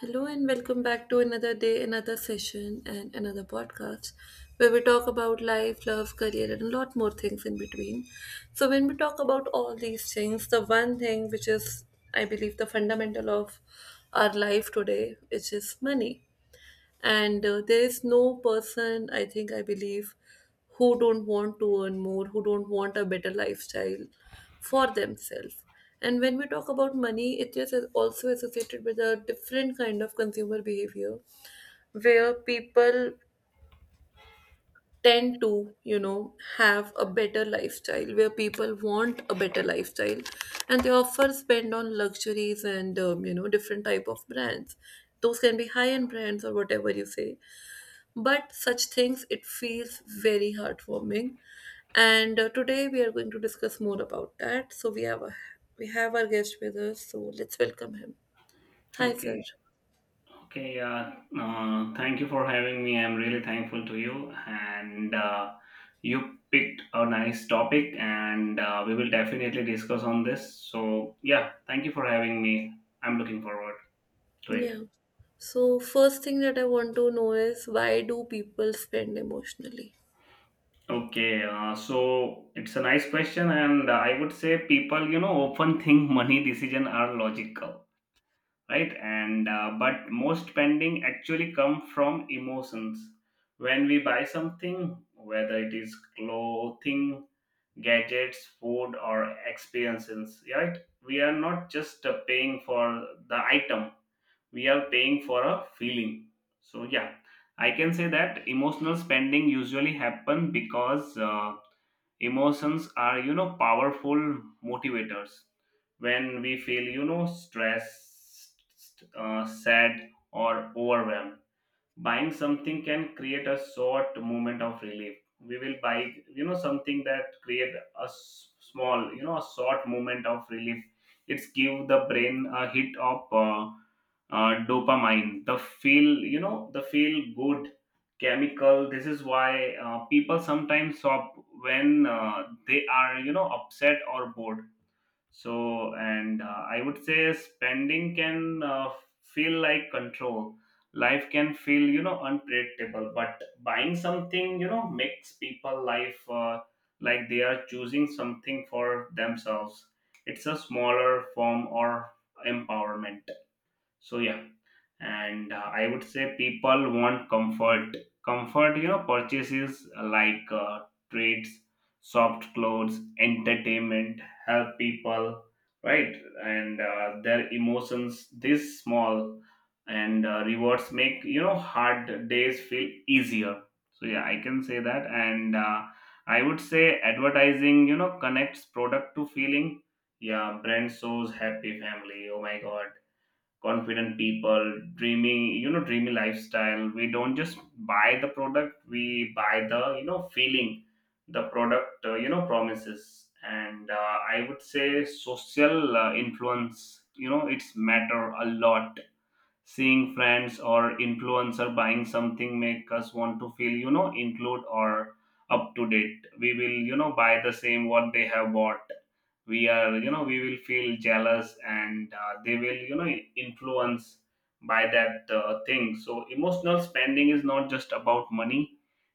Hello and welcome back to another day, another session, and another podcast where we talk about life, love, career, and a lot more things in between. So, when we talk about all these things, the one thing which is, I believe, the fundamental of our life today, which is money. And there is no person I think I believe who don't want to earn more, who don't want a better lifestyle for themselves. And when we talk about money, it is also associated with a different kind of consumer behavior where people tend to have a better lifestyle, where people want a better lifestyle. And they often spend on luxuries and different type of brands. Those can be high end brands or whatever you say, but such things it feels very heartwarming. And today we are going to discuss more about that, so we have our guest with us. So let's welcome him. Hi sir. Okay, okay, yeah. Thank you for having me. I'm really thankful to you, and you picked a nice topic, and we will definitely discuss on this. So, yeah, thank you for having me. I'm looking forward to it. Yeah, so first thing that I want to know is, why do people spend emotionally? Okay, so it's a nice question, and I would say people, you know, often think money decision are logical. Right, and but most spending actually come from emotions when we buy something, whether it is clothing, gadgets, food or experiences, right? We are not just paying for the item, we are paying for a feeling. So yeah, I can say that emotional spending usually happen because emotions are, you know, powerful motivators. When we feel, you know, stressed, sad or overwhelmed, buying something can create a short moment of relief. We will buy, you know, something that create a small, you know, a short moment of relief. It's give the brain a hit of dopamine, the feel, you know, the feel good chemical. This is why people sometimes shop when they are, you know, upset or bored. So and I would say spending can feel like control. Life can feel, you know, unpredictable, but buying something, you know, makes people life like they are choosing something for themselves. It's a smaller form or empowerment. So yeah, and I would say people want comfort. Comfort, you know, purchases like treats, soft clothes, entertainment help people, right? And their emotions, this small and rewards make, you know, hard days feel easier. So yeah, I can say that, and I would say advertising, you know, connects product to feeling. Yeah, brand shows happy family, oh my god, confident people, dreamy, you know, dreamy lifestyle. We don't just buy the product, we buy the, you know, feeling the product you know, promises. And I would say social influence, you know, it's matter a lot. Seeing friends or influencer buying something make us want to feel, you know, include or up to date. We will, you know, buy the same what they have bought. We are, you know, we will feel jealous, and they will, you know, influence by that thing. So emotional spending is not just about money,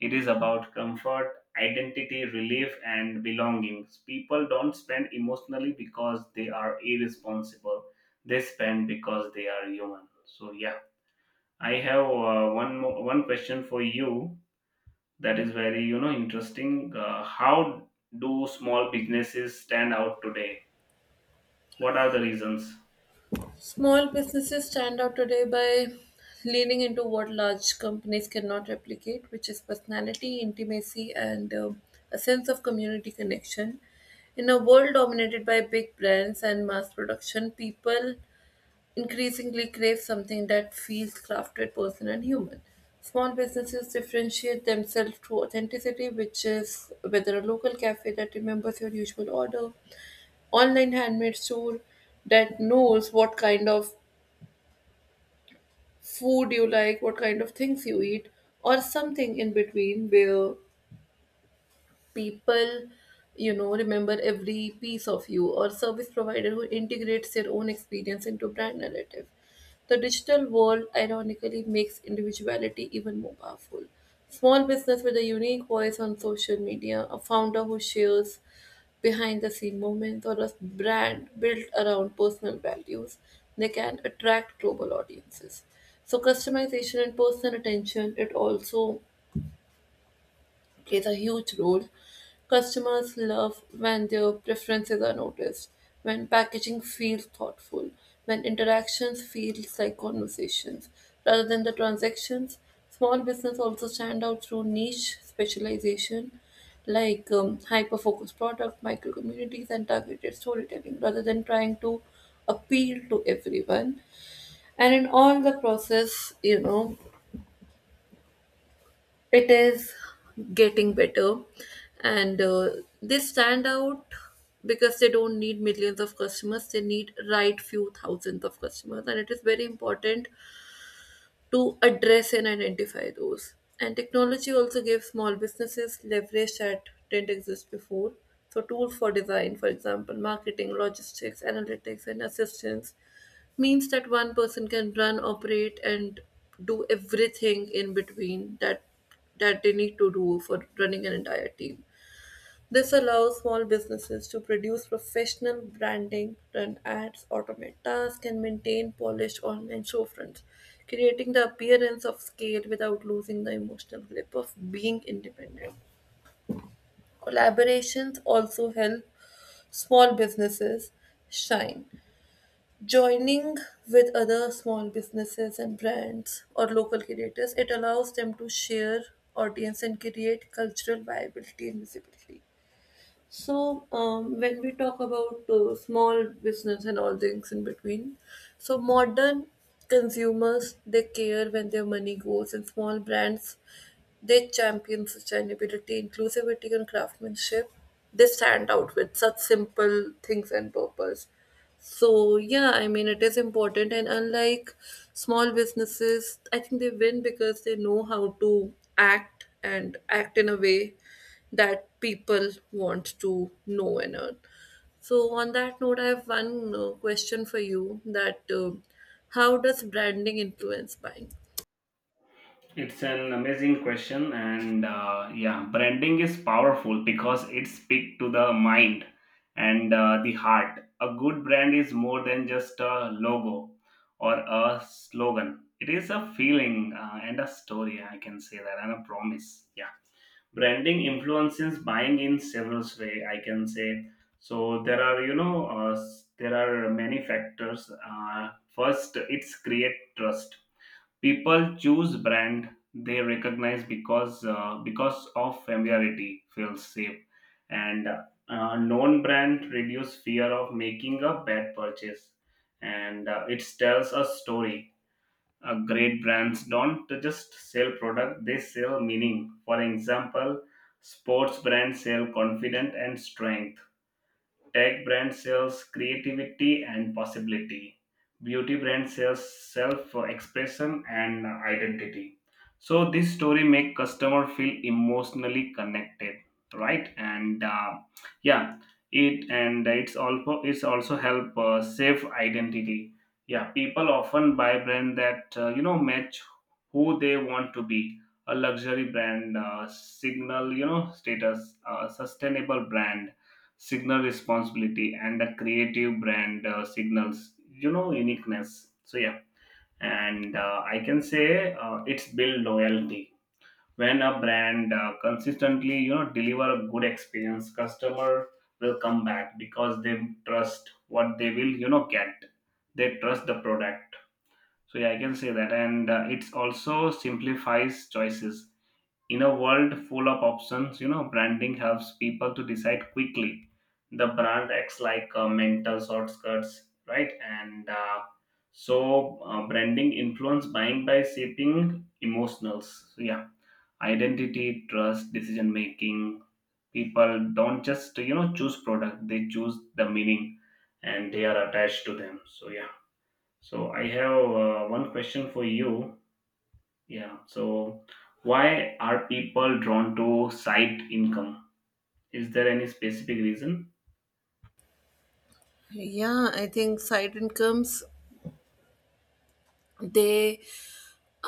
it is about comfort, identity, relief and belongings. People don't spend emotionally because they are irresponsible, they spend because they are human. So yeah, I have one question for you that is very, you know, interesting. Uh, how do small businesses stand out today? What are the reasons? Small businesses stand out today by leaning into what large companies cannot replicate, which is personality, intimacy, and a sense of community connection. In a world dominated by big brands and mass production, people increasingly crave something that feels crafted, personal, and human. Small businesses differentiate themselves through authenticity, which is whether a local cafe that remembers your usual order, online handmade store that knows what kind of food you like, what kind of things you eat, or something in between where people remember every piece of you, or service provider who integrates their own experience into brand narrative. The digital world ironically makes individuality even more powerful. Small business with a unique voice on social media, a founder who shares behind the scene moments, or a brand built around personal values, they can attract global audiences. So customization and personal attention, it also plays a huge role. Customers love when their preferences are noticed, when packaging feels thoughtful, when interactions feel like conversations rather than the transactions. Small business also stand out through niche specialization, like hyper focused product, micro communities, and targeted storytelling rather than trying to appeal to everyone. And in all the process, you know, it is getting better, and they stand out because they don't need millions of customers, they need right few thousands of customers, and it is very important to address and identify those. And technology also gives small businesses leverage that didn't exist before. So, tools for design, for example, marketing, logistics, analytics, and assistance means that one person can run, operate, and do everything in between that they need to do for running an entire team. This allows small businesses to produce professional branding, run ads, automate tasks, and maintain polished online storefronts, creating the appearance of scale without losing the emotional grip of being independent. Collaborations also help small businesses shine. Joining with other small businesses and brands or local creators, it allows them to share audience and create cultural viability and visibility. So, when we talk about small business and all things in between, so modern consumers they care when their money goes, and small brands they champion sustainability, inclusivity, and craftsmanship. They stand out with such simple things and purpose. So yeah, I mean it is important, and unlike small businesses, I think they win because they know how to act and act in a way that people want to know and earn. So on that note, I have one question for you, that how does branding influence buying? It's an amazing question, and yeah, branding is powerful because it speaks to the mind and the heart. A good brand is more than just a logo or a slogan, it is a feeling, and a story, I can say that, and a promise. Yeah, branding influences buying in several ways, I can say. So there are, you know, there are many factors. Uh, first, it's create trust. People choose brand they recognize because of familiarity feels safe, and known brand reduce fear of making a bad purchase. And it tells a story. Uh, great brands don't just sell product, they sell meaning. For example, sports brands sell confidence and strength. Tech brand sells creativity and possibility. Beauty brand sells self-expression and identity. So this story make customer feel emotionally connected, right? And yeah, it's also, it's also help save identity. Yeah, people often buy brand that you know match who they want to be. A luxury brand signal, you know, status, a sustainable brand signal responsibility and the creative brand signals, you know, uniqueness. So yeah, and I can say it's build loyalty. When a brand consistently, you know, deliver a good experience, customer will come back because they trust what they will, you know, get. They trust the product. So yeah, I can say that, and it's also simplifies choices. In a world full of options, you know, branding helps people to decide quickly. The brand acts like a mental shortcuts, right? And so, branding influence buying by shaping emotionals. So, yeah, identity, trust, decision making. People don't just, you know, choose product; they choose the meaning, and they are attached to them. So yeah. So I have one question for you. Yeah. So, why are people drawn to site income? Is there any specific reason? Yeah, I think side incomes, they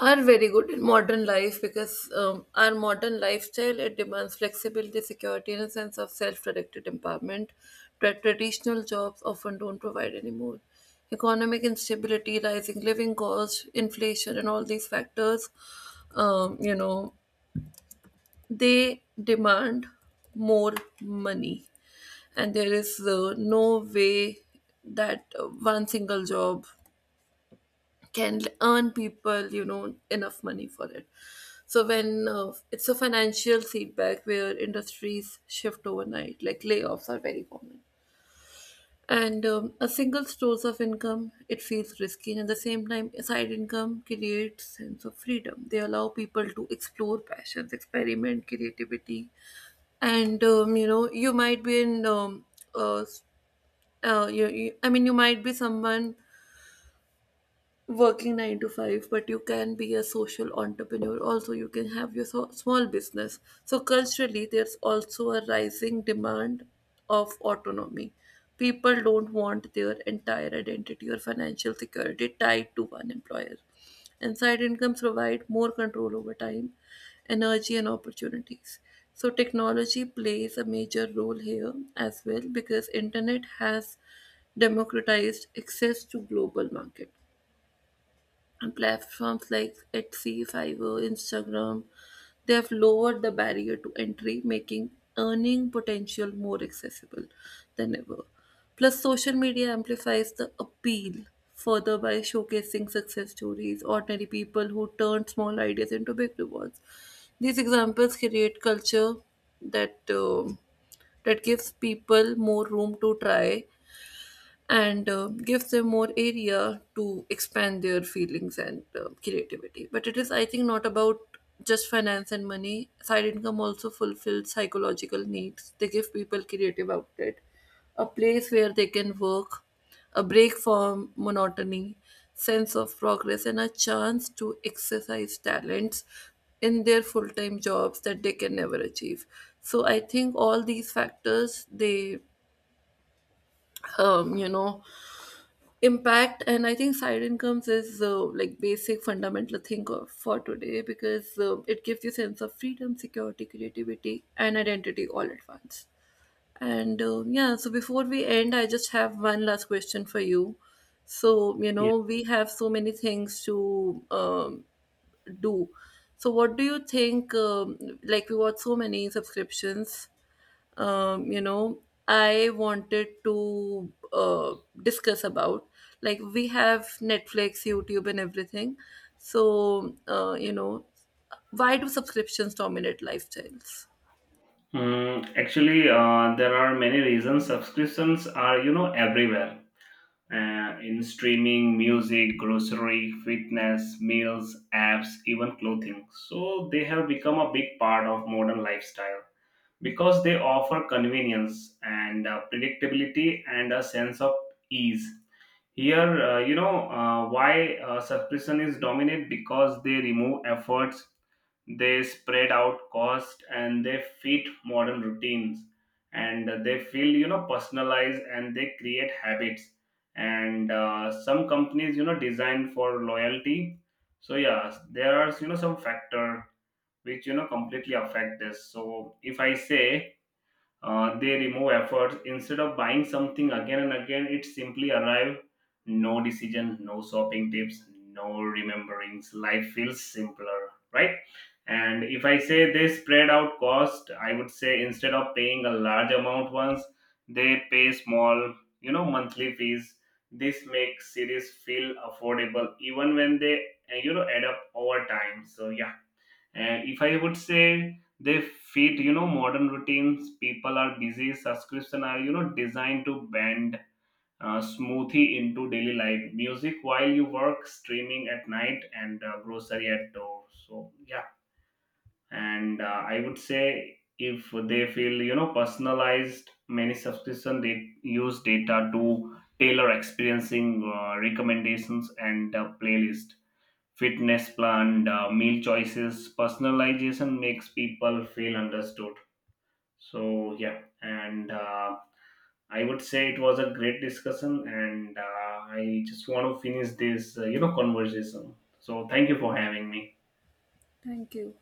are very good in modern life because our modern lifestyle it demands flexibility, security, and a sense of self-directed empowerment that traditional jobs often don't provide anymore. Economic instability, rising living costs, inflation, and all these factors, um, you know they demand more money. And there is no way that one single job can earn people enough money for it. So when it's a financial setback where industries shift overnight, like layoffs are very common, and a single source of income, it feels risky. And at the same time, a side income creates sense of freedom. They allow people to explore passions, experiment creativity, and you might be in uh, s- I mean, you might be someone working 9 to 5, but you can be a social entrepreneur also, you can have your small business. So culturally there's also a rising demand of autonomy. People don't want their entire identity or financial security tied to one employer, and side incomes provide more control over time, energy, and opportunities. So technology plays a major role here as well, because internet has democratized access to global market, and platforms like Etsy, Fiverr, Instagram, they have lowered the barrier to entry, making earning potential more accessible than ever. Plus, social media amplifies the appeal further by showcasing success stories, ordinary people who turn small ideas into big rewards. These examples create culture that um that gives people more room to try and gives them more area to expand their feelings and creativity. But it is, I think, not about just finance and money. Side income also fulfills psychological needs. They give people creative outlet, a place where they can work, a break from monotony, sense of progress, and a chance to exercise talents in their full-time jobs that they can never achieve. So I think all these factors, they um, you know impact. And I think side incomes is like basic fundamental thing for today, because it gives you sense of freedom, security, creativity, and identity all at once. And yeah, so before we end, I just have one last question for you. So Yeah. We have so many things to do. So what do you think, like we got so many subscriptions, um, you know, I wanted to discuss about. Like, we have Netflix, YouTube, and everything. So, why do subscriptions dominate lifestyles? Mm, actually, there are many reasons. Subscriptions are, you know, everywhere. In streaming, music, grocery, fitness, meals, apps, even clothing. So they have become a big part of modern lifestyle because they offer convenience and predictability and a sense of ease. Here, you know, why suppression is dominant because they remove efforts, they spread out cost, and they fit modern routines, and they feel, you know, personalized, and they create habits. And some companies, you know, design for loyalty. So yeah, there are, you know, some factor which, you know, completely affect this. So if I say they remove effort instead of buying something again and again. It simply arrive. No decision, no shopping tips, no rememberings. Life feels simpler, right? And if I say they spread out cost, I would say instead of paying a large amount once, they pay small, you know, monthly fees. This makes series feel affordable even when they, you know, add up over time. So yeah. And if I would say they fit, you know, modern routines, people are busy, subscription are, you know, designed to bend smoothie into daily life, music while you work, streaming at night, and grocery at door. So, yeah. And I would say if they feel, you know, personalized, many subscription they use data to tailor experiencing recommendations and playlist, fitness plan, meal choices. Personalization makes people feel understood. So yeah, and I would say it was a great discussion, and I just want to finish this, you know, conversation. So thank you for having me. Thank you.